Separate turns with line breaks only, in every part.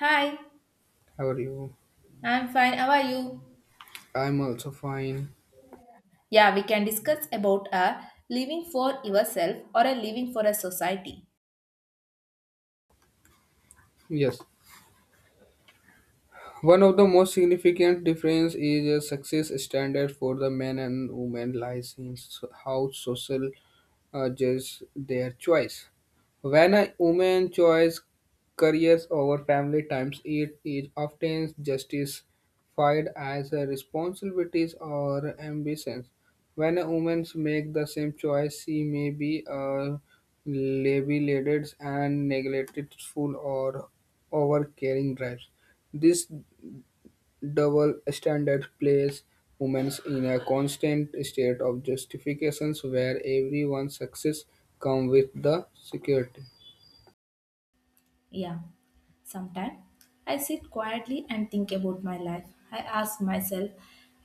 Hi,
How are you?
I'm fine. How are you?
I'm also fine.
Yeah, we can discuss about a living for yourself or a living for a society.
Yes. One of the most significant difference is a success standard for the men and women lies in how social judge their choice. When a woman chooses careers over family times, it is often justified as a responsibilities or ambitions. When a woman makes the same choice, she may be labeled and neglected full or over caring drives. This double standard place women in a constant state of justifications where everyone's success comes with the security.
Yeah, sometimes I sit quietly and think about my life. I ask myself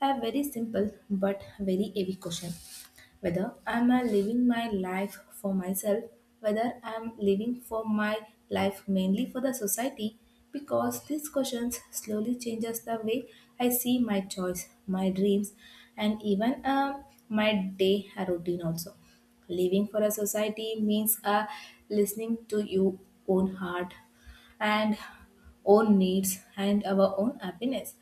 a very simple but very heavy question, whether I'm living my life for myself, whether I'm living for my life mainly for the society, because these questions slowly changes the way I see my choice, my dreams, and even my day routine also. Living for a society means listening to your own heart, and own needs and our own happiness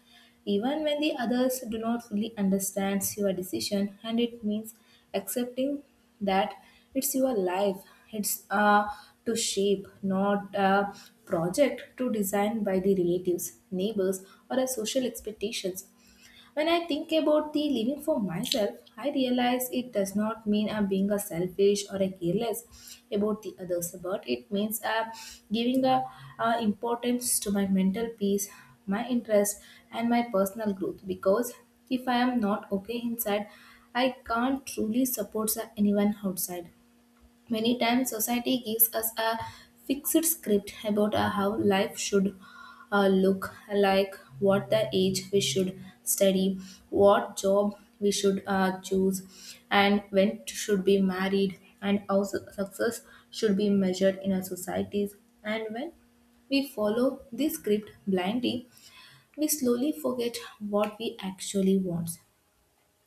even when the others do not fully understand your decision, and it means accepting that it's your life, it's to shape, not a project to design by the relatives, neighbors, or a social expectations. When I think about the living for myself, I realize it does not mean I'm being a selfish or a careless about the others, but it means I'm giving a importance to my mental peace, my interest, and my personal growth. Because if I am not okay inside, I can't truly support anyone outside. Many times, society gives us a fixed script about how life should look like, what the age we should study, what job we should choose, and when should be married, and how success should be measured in our societies. And when we follow this script blindly, we slowly forget what we actually want.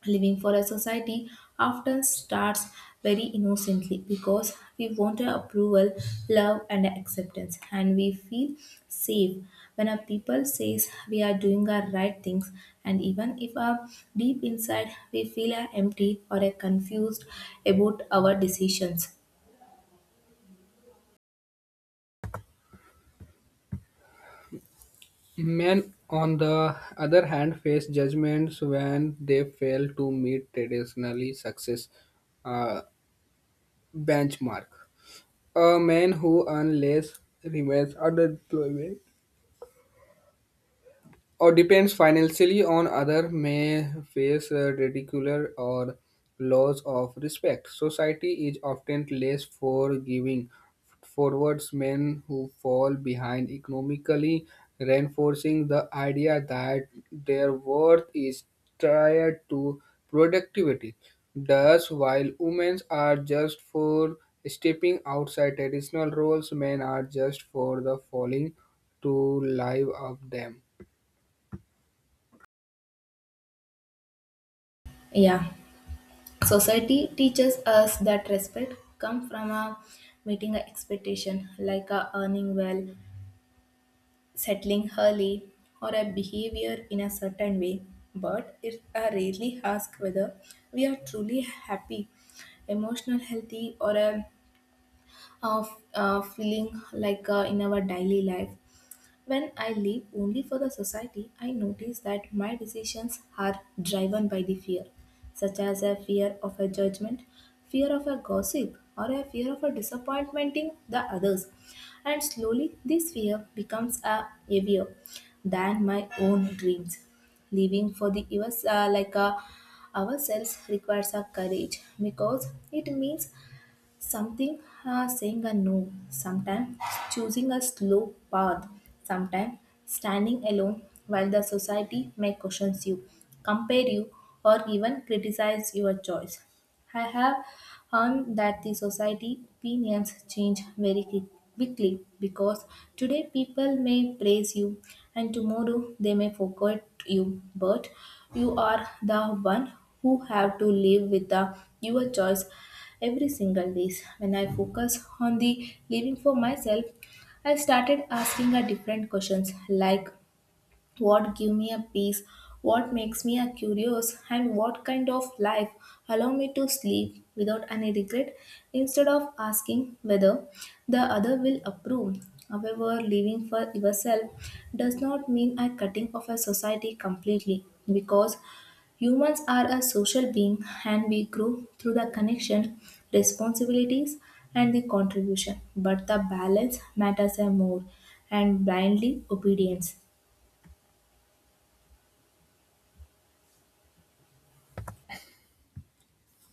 Living for a society often starts very innocently because we want a approval, love, and acceptance, and we feel safe when a people says we are doing our right things, and even if our deep inside we feel are empty or are confused about our decisions.
Men, on the other hand, face judgments when they fail to meet traditionally success uh, benchmark. A man who earns less remains underemployed or depends financially on other may face ridicule or loss of respect society is often less forgiving towards men who fall behind economically reinforcing the idea that their worth is tied to productivity thus while women are just for stepping outside traditional roles men are just for the falling to live of them.
Yeah, society teaches us that respect comes from a meeting a expectation like a earning well, settling early, or a behavior in a certain way, but it I rarely ask whether we are truly happy, emotional healthy, or a, of feeling like in our daily life. When I live only for the society, I notice that my decisions are driven by the fear, such as a fear of a judgment, fear of a gossip, or a fear of a disappointing the others. And slowly, this fear becomes a heavier than my own dreams. Living for the us, like a ourselves, requires a courage because it means something, saying a no, sometimes choosing a slow path, sometimes standing alone while the society may question you, compare you, or even criticize your choice. I have heard that the society opinions change very quickly because today people may praise you and tomorrow they may forget you, but you are the one who have to live with the your choice every single day. When I focus on the living for myself, I started asking a different questions like what give me a peace, what makes me a curious, and what kind of life allow me to sleep without any regret, instead of asking whether the other will approve. However, living for yourself does not mean a cutting off a society completely, because humans are a social being and we grow through the connection, responsibilities, and the contribution, but the balance matters a more and blindly obedience.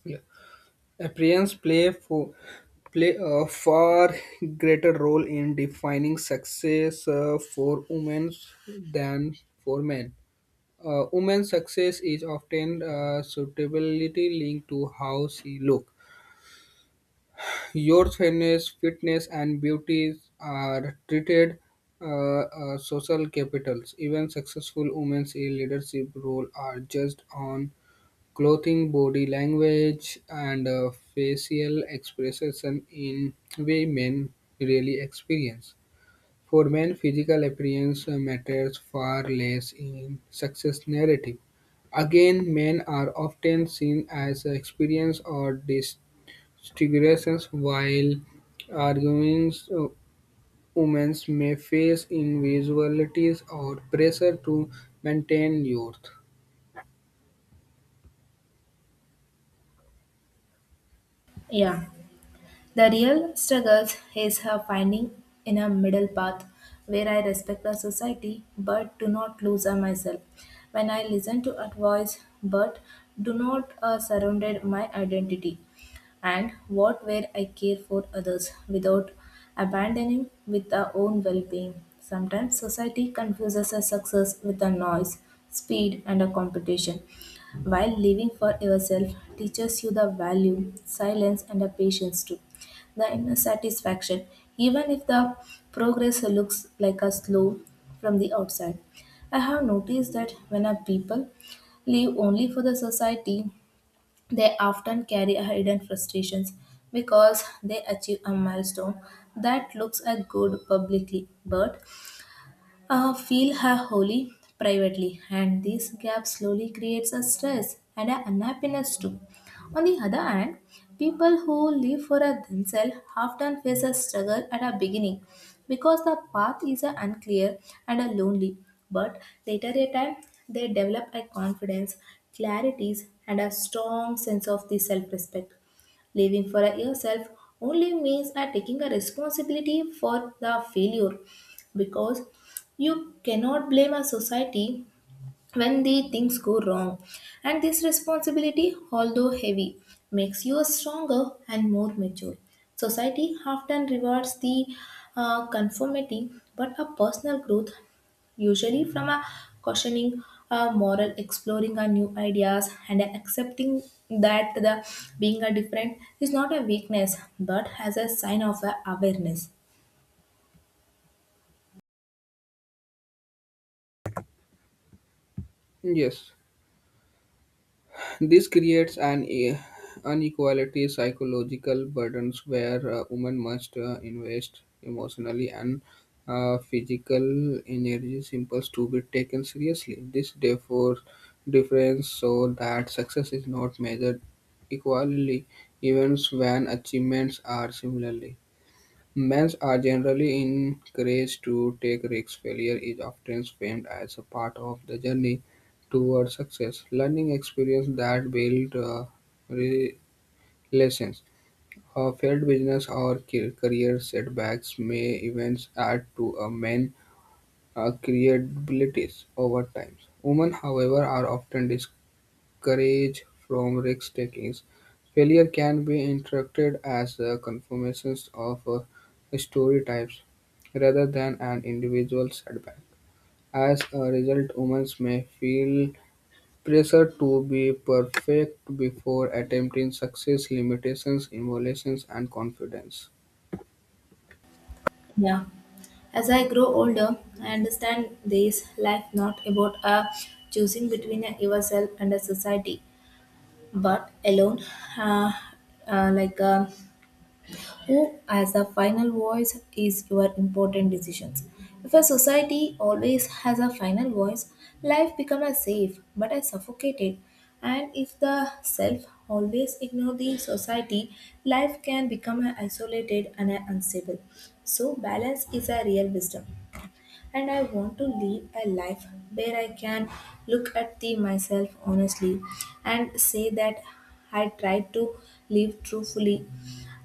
Yeah. Appearance play for Play a far greater role in defining success for women than for men. Women's success is often suitably linked to how she look. Your fitness, and beauty are treated social capitals. Even successful women's in leadership role are judged on clothing, body language, and facial expression in way men really experience. For men, physical appearance matters far less in success narrative. Again, men are often seen as experience or disfigurations, while arguments women may face invisibilities or pressure to maintain youth.
Yeah, the real struggle is her finding in a middle path where I respect the society but do not lose her myself. When I listen to advice but do not surrender my identity, and what where I care for others without abandoning with our own well-being. Sometimes society confuses a success with a noise, speed, and a competition. While living for yourself teaches you the value, silence and a patience too, the inner satisfaction, even if the progress looks like a slow from the outside. I have noticed that when a people live only for the society, they often carry a hidden frustrations because they achieve a milestone that looks a good publicly, but feel her wholly privately, and this gap slowly creates a stress and an unhappiness too. On the other hand, people who live for a themselves often face a struggle at a beginning because the path is a unclear and a lonely. But later a time, they develop a confidence, clarities, and a strong sense of the self-respect. Living for yourself only means are taking a responsibility for the failure, because you cannot blame a society when the things go wrong. And this responsibility, although heavy, makes you stronger and more mature. Society often rewards the conformity, but a personal growth, usually from a questioning a moral, exploring our new ideas, and accepting that the being a different is not a weakness, but as a sign of a awareness.
Yes. This creates an inequality psychological burdens where women must invest emotionally and physical energy impulse to be taken seriously. This therefore difference so that success is not measured equally even when achievements are similarly. Bands are generally encouraged to take risks. Failure is often framed as a part of the journey toward success. Learning experience that build relations. Failed business or career setbacks may even add to a man's credibility over time. Women, however, are often discouraged courage from risk taking. Failure can be interpreted as a confirmation of story types rather than an individual setback. As a result, women may feel pressure to be perfect before attempting success, limitations, emotions, and confidence.
Yeah. As I grow older, I understand this life not about choosing between a yourself and a society, but alone, uh, uh, like uh, who as the final voice is your important decisions. If a society always has a final voice, life becomes a safe but a suffocated. And if the self always ignore the society, life can become a isolated and a unstable. So balance is a real wisdom. And I want to live a life where I can look at the myself honestly and say that I tried to live truthfully,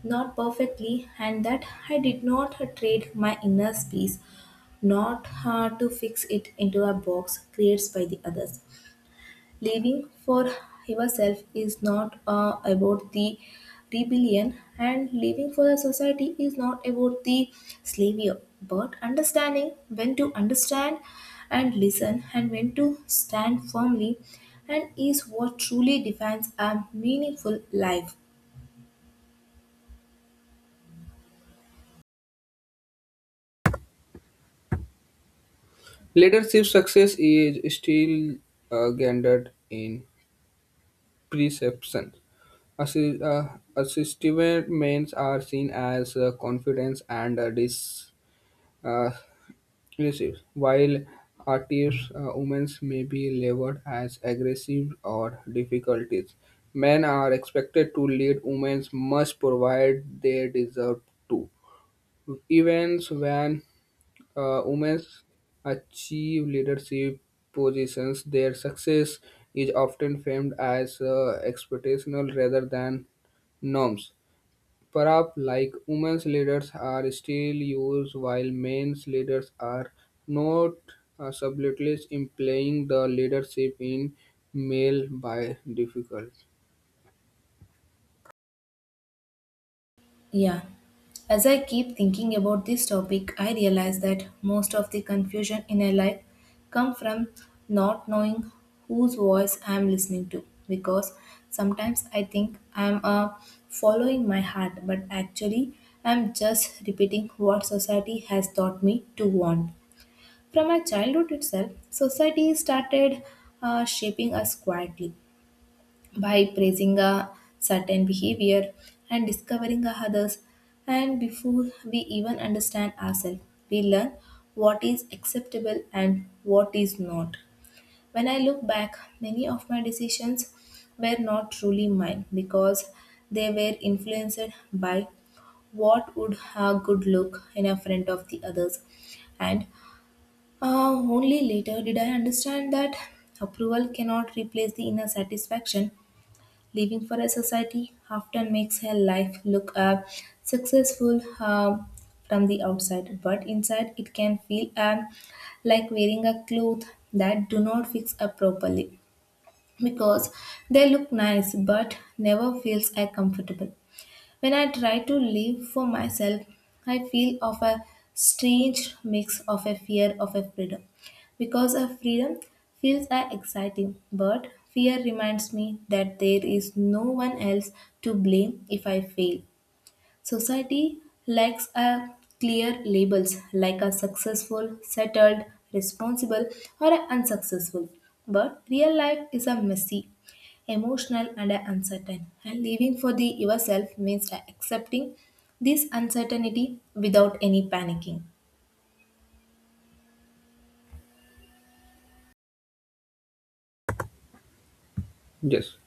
not perfectly, and that I did not trade my inner space, not to fix it into a box created by the others. Living for yourself is not about the rebellion, and living for the society is not about the slavery, but understanding when to understand and listen, and when to stand firmly and is what truly defines a meaningful life.
Leadership success is still gendered in perception. Assistive mains are seen as confidence and uh, elusive, while active women may be labeled as aggressive or difficulties. Men are expected to lead, women must provide they deserve to. Events when women achieve leadership positions, their success is often framed as expectational rather than norms. Perhaps like women's leaders are still used while men's leaders are not subtly implying the leadership in male by difficult.
Yeah. As I keep thinking about this topic, I realize that most of the confusion in my life come from not knowing whose voice I am listening to, because sometimes I think I am following my heart, but actually I am just repeating what society has taught me to want. From my childhood itself, society started shaping us quietly by praising a certain behavior and discovering a others. And before we even understand ourselves, we learn what is acceptable and what is not. When I look back, many of my decisions were not truly mine because they were influenced by what would a good look in a front of the others, and only later did I understand that approval cannot replace the inner satisfaction. Living for a society often makes her life look up successful from the outside, but inside it can feel like wearing a cloth that do not fix up properly because they look nice but never feels comfortable. When I try to live for myself, I feel of a strange mix of a fear of a freedom. Because a freedom feels a exciting, but fear reminds me that there is no one else to blame if I fail. Society lacks a clear labels like a successful, settled, responsible, or a unsuccessful. But real life is a messy, emotional, and a uncertain. And living for the yourself means accepting this uncertainty without any panicking.
Yes.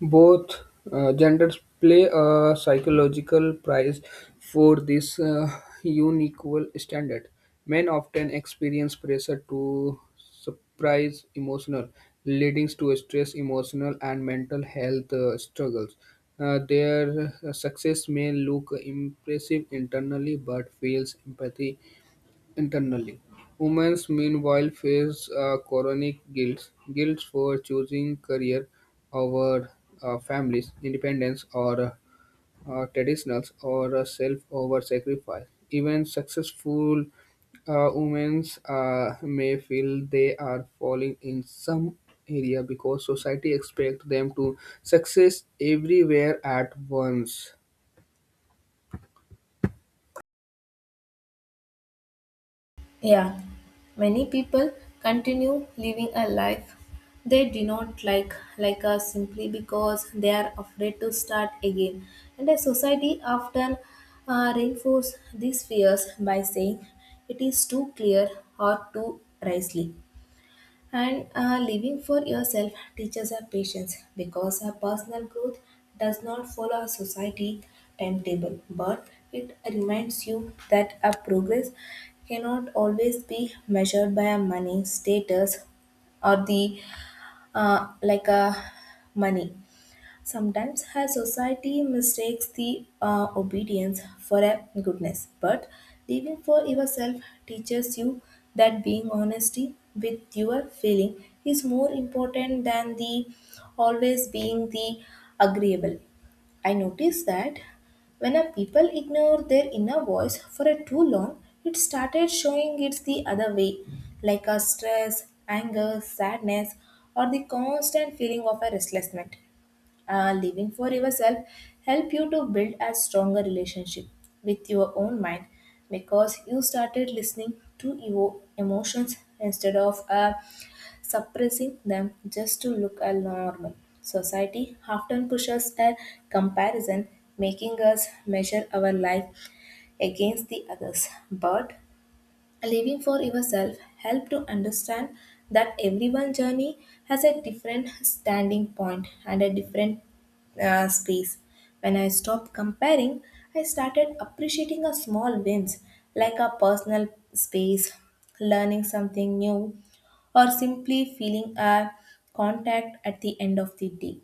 Both genders play a psychological price for this unequal standard. Men often experience pressure to surprise emotional, leading to stress, emotional, and mental health struggles. Their success may look impressive internally but fails empathy internally. Women meanwhile face chronic guilt, for choosing career over families, independence, or traditionals, or self over sacrifice. Even successful women may feel they are falling in some area because society expects them to success everywhere at once.
Yeah, many people continue living a life they do not like, like us, simply because they are afraid to start again. And a society often reinforce these fears by saying it is too clear or too rashly. And living for yourself teaches our patience, because our personal growth does not follow our society timetable, but it reminds you that our progress cannot always be measured by our money status or the like a money. Sometimes our society mistakes the obedience for a goodness, but living for yourself teaches you that being honesty with your feeling is more important than the always being the agreeable. I noticed that when a people ignore their inner voice for a too long, it started showing it's the other way, like a stress, anger, sadness, or the constant feeling of a restlessness. Living for yourself help you to build a stronger relationship with your own mind because you started listening to your emotions instead of suppressing them just to look a normal. Society often pushes a comparison, making us measure our life against the others, but living for yourself help to understand that everyone's journey has a different standing point and a different space. When I stopped comparing, I started appreciating a small wins like a personal space, learning something new, or simply feeling a contact at the end of the day.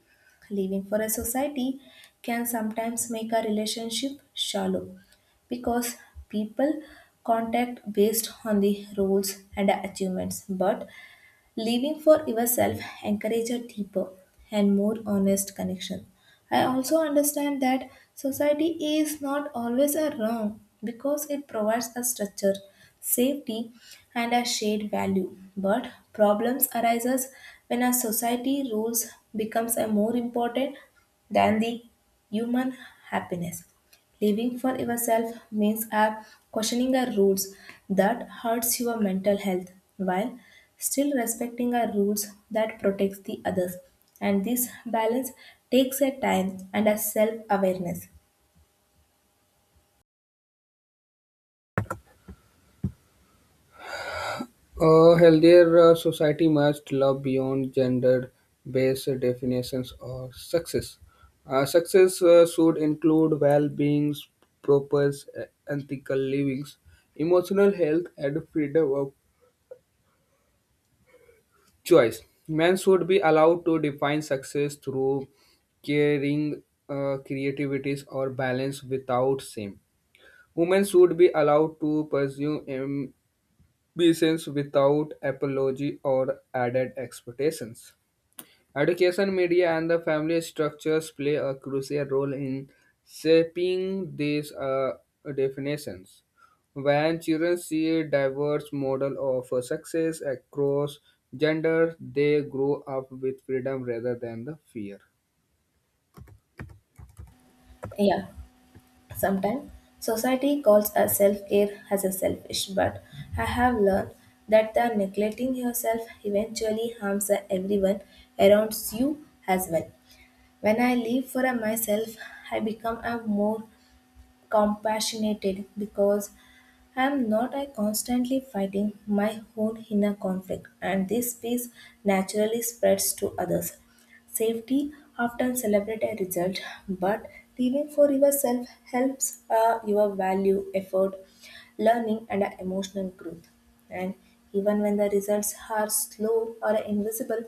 Living for a society can sometimes make a relationship shallow because people contact based on the roles and achievements, but living for yourself encourage a deeper and more honest connection. I also understand that society is not always a wrong because it provides a structure, safety, and a shared value, but problems arises when a society rules becomes a more important than the human happiness. Living for yourself means questioning the rules that hurts your mental health while still respecting the rules that protects the others. And this balance takes a time and a self-awareness.
A healthier society must love beyond gender-based definitions of success. Success should include well-being, proper uh, ethical livings, emotional health, and freedom of choice. Men should be allowed to define success through caring, creativities, or balance without shame. Women should be allowed to pursue ambitions without apology or added expectations. Education, media, and the family structures play a crucial role in shaping these definitions. When children see a diverse model of success across gender, they grow up with freedom rather than the fear.
Yeah, sometimes society calls a self-care as a selfish, but I have learned that the neglecting yourself eventually harms the everyone around you as well. When I live for myself, I become a more compassionated because I'm not I constantly fighting my own inner conflict, and this peace naturally spreads to others. Safety often celebrate a result, but living for yourself helps your value, effort, learning, and emotional growth. And even when the results are slow or invisible,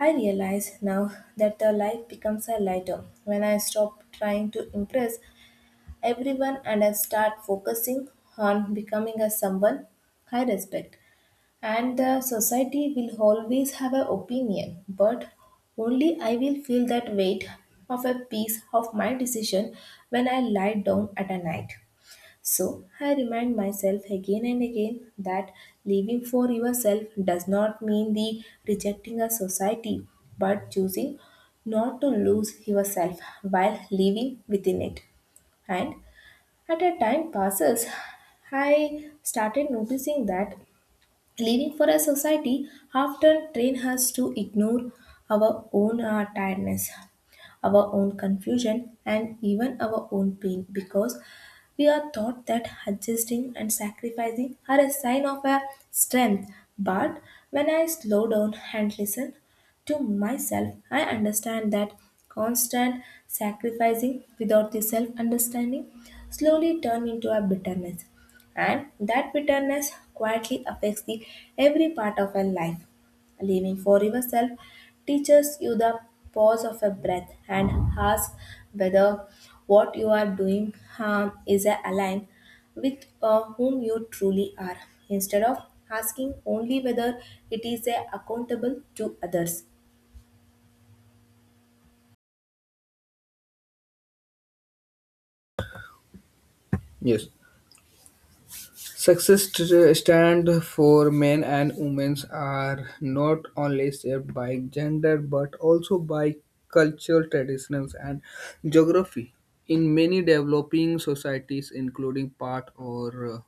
I realize now that the life becomes a lighter when I stop trying to impress everyone and I start focusing on becoming a someone I respect. And the society will always have an opinion, but only I will feel that weight of a piece of my decision when I lie down at a night. So I remind myself again and again that living for yourself does not mean the rejecting a society, but choosing not to lose yourself while living within it. And as the time passes, I started noticing that living for a society often train us to ignore our own tiredness, our own confusion, and even our own pain, because we are taught that adjusting and sacrificing are a sign of our strength. But when I slow down and listen to myself, I understand that constant sacrificing without the self understanding slowly turn into a bitterness, and that bitterness quietly affects the every part of our life. Living for yourself teaches you the pause of a breath and ask whether what you are doing is aligned with whom you truly are, instead of asking only whether it is accountable to others.
Yes. Stand for men and women are not only shaped by gender but also by cultural traditions and geography. In many developing societies, including part or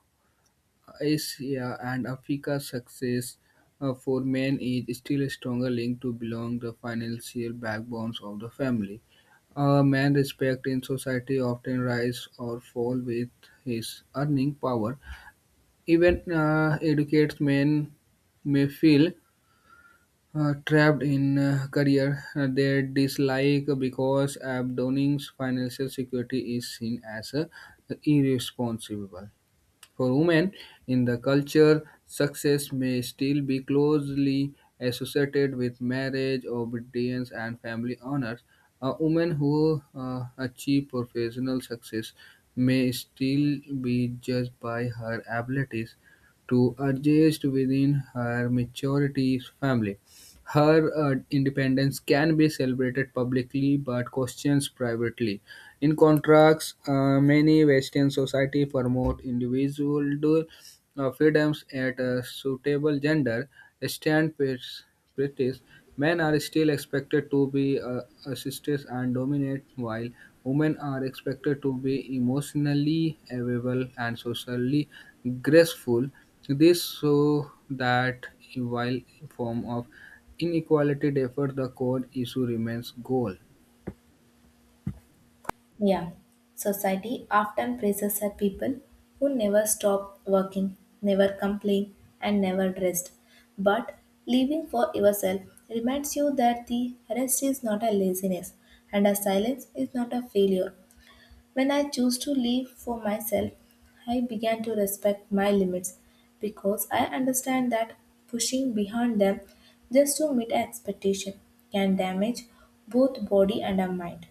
Asia and Africa, success for men is still a stronger link to belong the financial backbones of the family. A man's respect in society often rise or fall with his earning power even educated men may feel trapped in a career they dislike because abandoning financial security is seen as irresponsible. For women in the culture, success may still be closely associated with marriage, obedience, and family honors. A woman who achieves professional success may still be judged by her abilities to adjust within her maturity family. Her independence can be celebrated publicly but questioned privately. In contrast, many Western society promote individual freedoms at a suitable gender standards. Men are still expected to be assistants and dominate, while women are expected to be emotionally available and socially graceful. This so that while form of inequality differ, the core issue remains goal.
Yeah, society often praises her people who never stop working, never complain, and never rest. But living for yourself reminds you that the rest is not a laziness and a silence is not a failure. When I choose to live for myself, I began to respect my limits because I understand that pushing behind them just to meet an expectation can damage both body and a mind.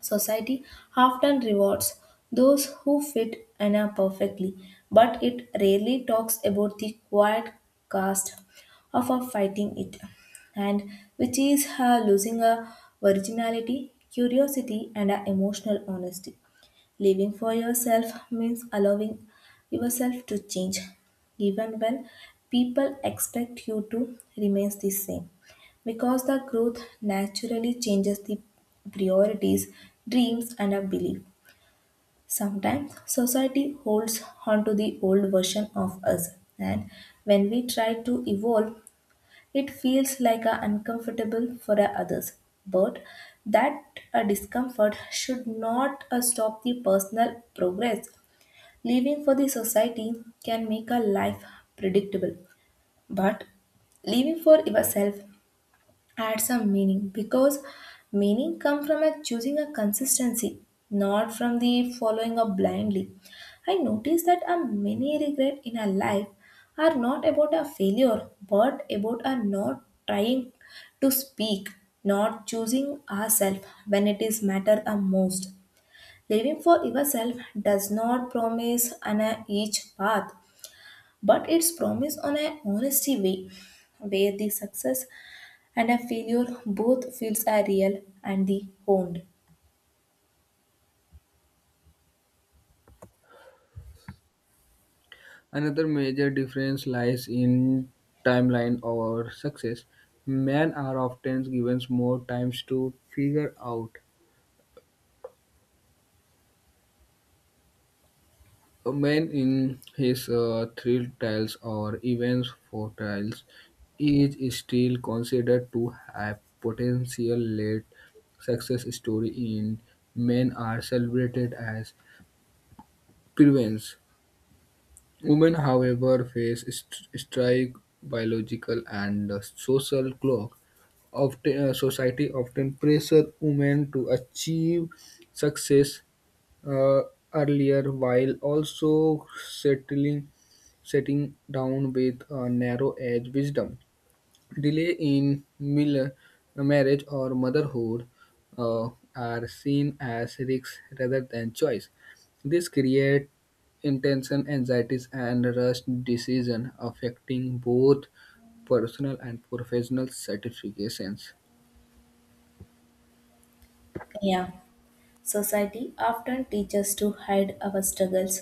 Society often rewards those who fit Anna perfectly, but it rarely talks about the quiet cost of her fighting it, and which is her losing her virginality, curiosity, and her emotional honesty. Living for yourself means allowing yourself to change, even when people expect you to remain the same. Because the growth naturally changes the priorities, dreams, and our belief. Sometimes society holds onto the old version of us, and when we try to evolve, it feels like a uncomfortable for our others. But that a discomfort should not stop the personal progress. Living for the society can make a life predictable, but living for yourself add some meaning because meaning come from a choosing a consistency, not from the following up blindly. I notice that a many regret in our life are not about a failure but about a not trying, to speak, not choosing ourselves when it is matter a most. Living for yourself does not promise an a each path, but it's promised on a honesty way where the success and a failure both feels are real and the honed.
Another major difference lies in timeline or success. Men are often given more times to figure out a man in his three trials or events four trials is still considered to have potential late success story in men are celebrated as prevents. Women, however, face strike biological and social clock. Society often pressure women to achieve success uh, earlier while also settling setting down with a narrow edge wisdom. Delay in marriage or motherhood uh, are seen as risks rather than choice. This creates intention, anxieties, and rush decision affecting both personal and professional certifications.
Yeah, society often teaches to hide our struggles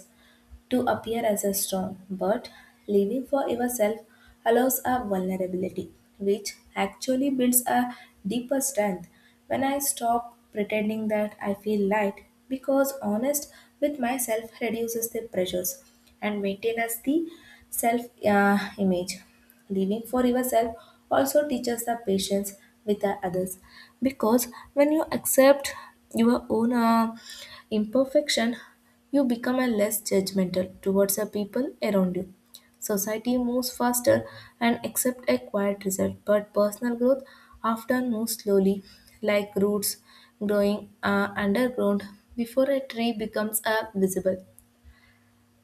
to appear as a strong, but living for yourself allows a vulnerability, which actually builds a deeper strength. When I stop pretending that I feel light because honest with myself reduces the pressures and maintain as the self image. Living for yourself also teaches the patience with the others because when you accept your own imperfection, you become a less judgmental towards the people around you. Society moves faster and accept a quiet result, but personal growth often moves slowly, like roots growing underground before a tree becomes visible.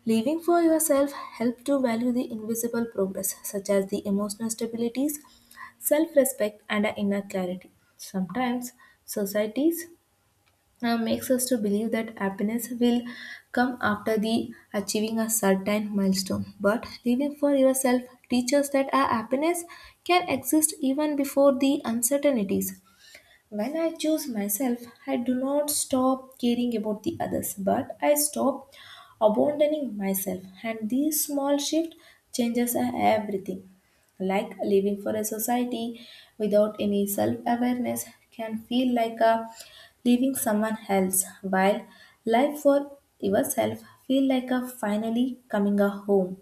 Living for yourself helps to value the invisible progress, such as the emotional stabilities, self-respect, and a inner clarity. Sometimes societies makes us to believe that happiness will come after the achieving a certain milestone. But living for yourself teaches that our happiness can exist even before the uncertainties. When I choose myself, I do not stop caring about the others, but I stop abandoning myself. And this small shift changes everything. Like living for a society without any self awareness can feel like a leaving someone else, while life for yourself feel like a finally coming a home.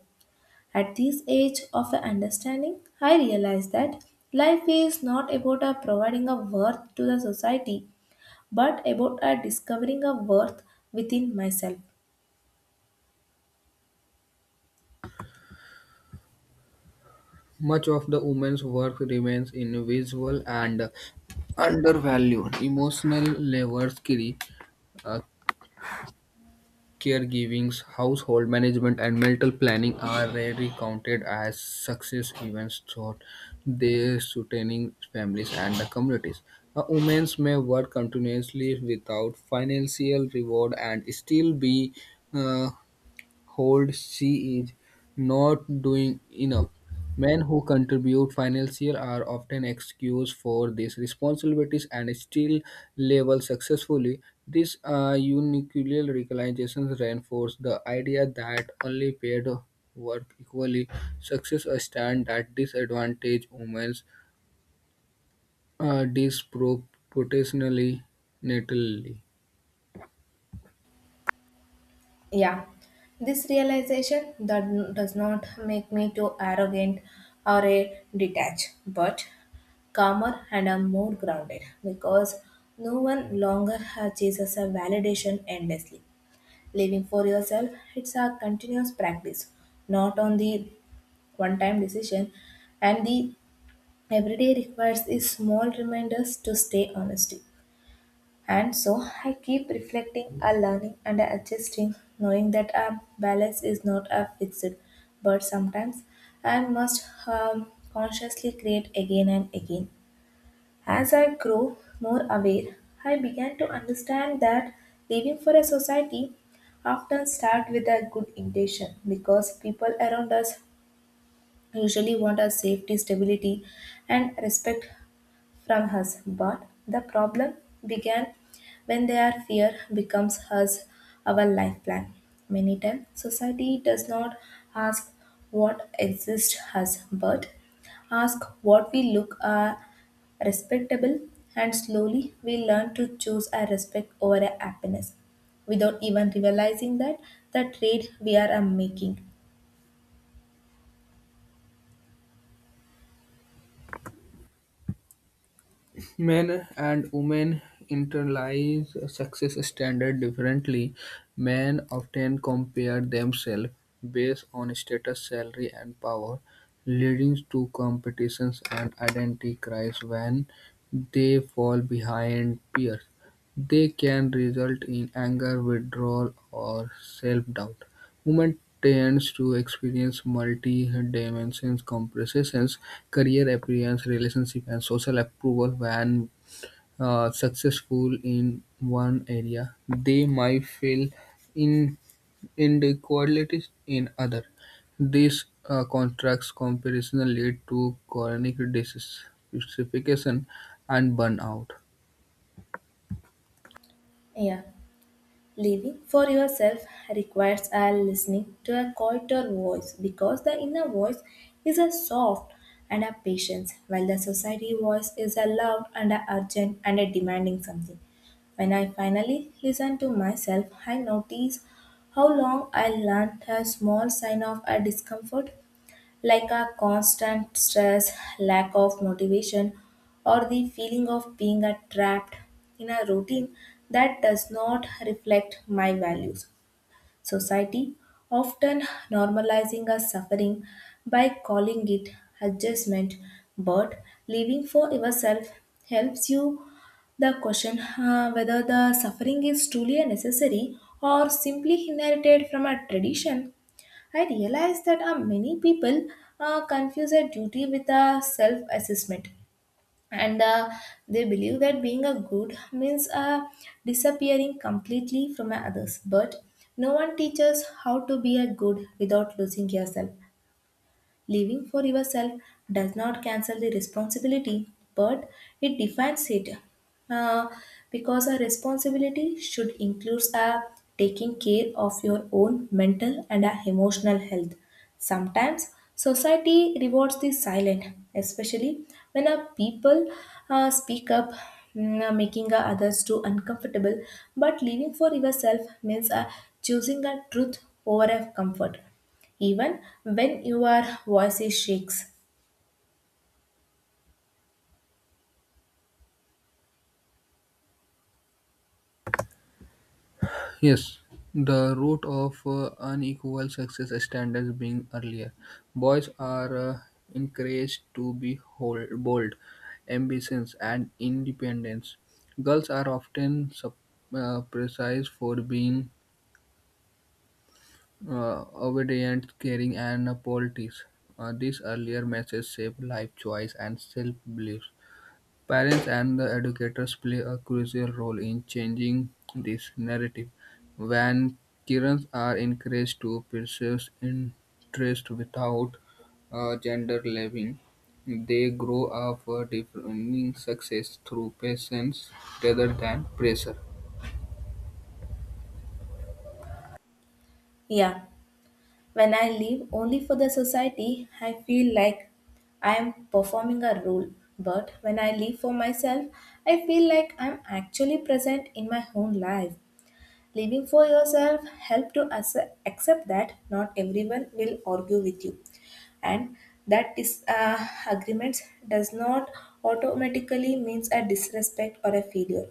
At this age of understanding, I realize that life is not about a providing a worth to the society, but about a discovering a worth within myself.
Much of the woman's work remains invisible and undervalued. Emotional labors, care, uh, caregiving, household management, and mental planning are rarely counted as success events throughout their sustaining families and the communities. A woman may work continuously without financial reward and still be uh, hold she is not doing enough. Men who contribute financially are often excused for these responsibilities and still level successfully. This unilateral recognition reinforces the idea that only paid work equally success a stand that disadvantage women disproportionately natally.
Yeah, this realization that does not make me too arrogant or a detached, but calmer and a more grounded because no one longer chases a validation endlessly. Living for yourself, it's a continuous practice, not on the one-time decision, and the everyday requires the small reminders to stay honesty. And so I keep reflecting, a learning, and a adjusting, knowing that a balance is not a fixed, but sometimes I must consciously create again and again. As I grow more aware, I began to understand that living for a society often start with a good intention because people around us usually want our safety, stability, and respect from us. But the problem began when their fear becomes us our life plan. Many times society does not ask what exists us, but ask what we look are respectable, and slowly we learn to choose our respect over our happiness without even realizing that the trade we are making.
Men and women internalize success standard differently. Men often compare themselves based on status, salary, and power, leading to competitions and identity crisis when they fall behind peers. They can result in anger, withdrawal, or self-doubt. Women tends to experience multi-dimensional comparisons: career, appearance, relationship, and social approval. When successful in one area, they might feel in inequalities in other. These contrast comparison lead to chronic dissatisfaction and burnout.
Yeah. Living for yourself requires a listening to a quieter voice because the inner voice is a soft and a patient, while the society voice is a loud and a urgent and a demanding something. When I finally listen to myself, I notice how long I learned a small sign of a discomfort like a constant stress, lack of motivation, or the feeling of being a trapped in a routine that does not reflect my values. Society often normalizing a suffering by calling it adjustment, but living for yourself helps you the question whether the suffering is truly a necessary or simply inherited from a tradition. I realized that many people confuse a duty with a self assessment, and they believe that being a good means disappearing completely from others. But no one teaches how to be a good without losing yourself. Living for yourself does not cancel the responsibility, but it defines it. Uh, because a responsibility should include a taking care of your own mental and a emotional health. Sometimes society rewards the silent, especially when a people speak up, making others too uncomfortable. But living for yourself means choosing a truth over a comfort even when your voice is shakes.
Yes, the root of unequal success standards being earlier. Boys are encouraged to be bold, ambitious, and independent. Girls are often precise for being obedient, caring, and polite. These earlier messages shape life choice and self belief. Parents and the educators play a crucial role in changing this narrative. When children are encouraged to pursue interest without gender labeling, they grow up defining success through patience rather than pressure.
Yeah, when I live only for the society, I feel like I am performing a role. But when I live for myself, I feel like I'm actually present in my own life. Living for yourself help to accept that not everyone will argue with you, and that agreements does not automatically means a disrespect or a failure.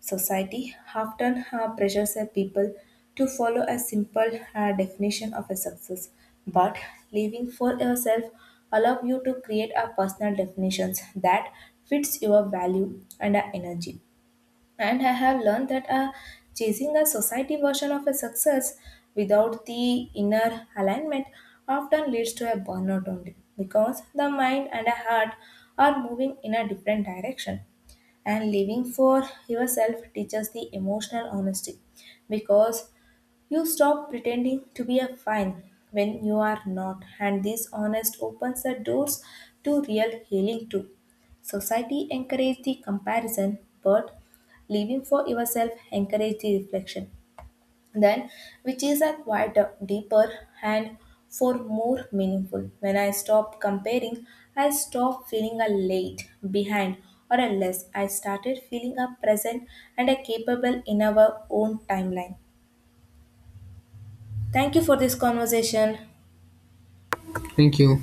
Society often pressures a people to follow a simple definition of a success, but living for yourself allows you to create a personal definitions that fits your value and energy. And I have learned that chasing a society version of a success without the inner alignment often leads to a burnout only because the mind and the heart are moving in a different direction. And living for yourself teaches the emotional honesty because you stop pretending to be a fine when you are not, and this honest opens the doors to real healing too. Society encourages the comparison, but living for yourself encourages the reflection. Then, which is a quieter, deeper, and for more meaningful. When I stop comparing, I stop feeling a late, behind, or a less. I started feeling a present and a capable in our own timeline. Thank you for this conversation.
Thank you.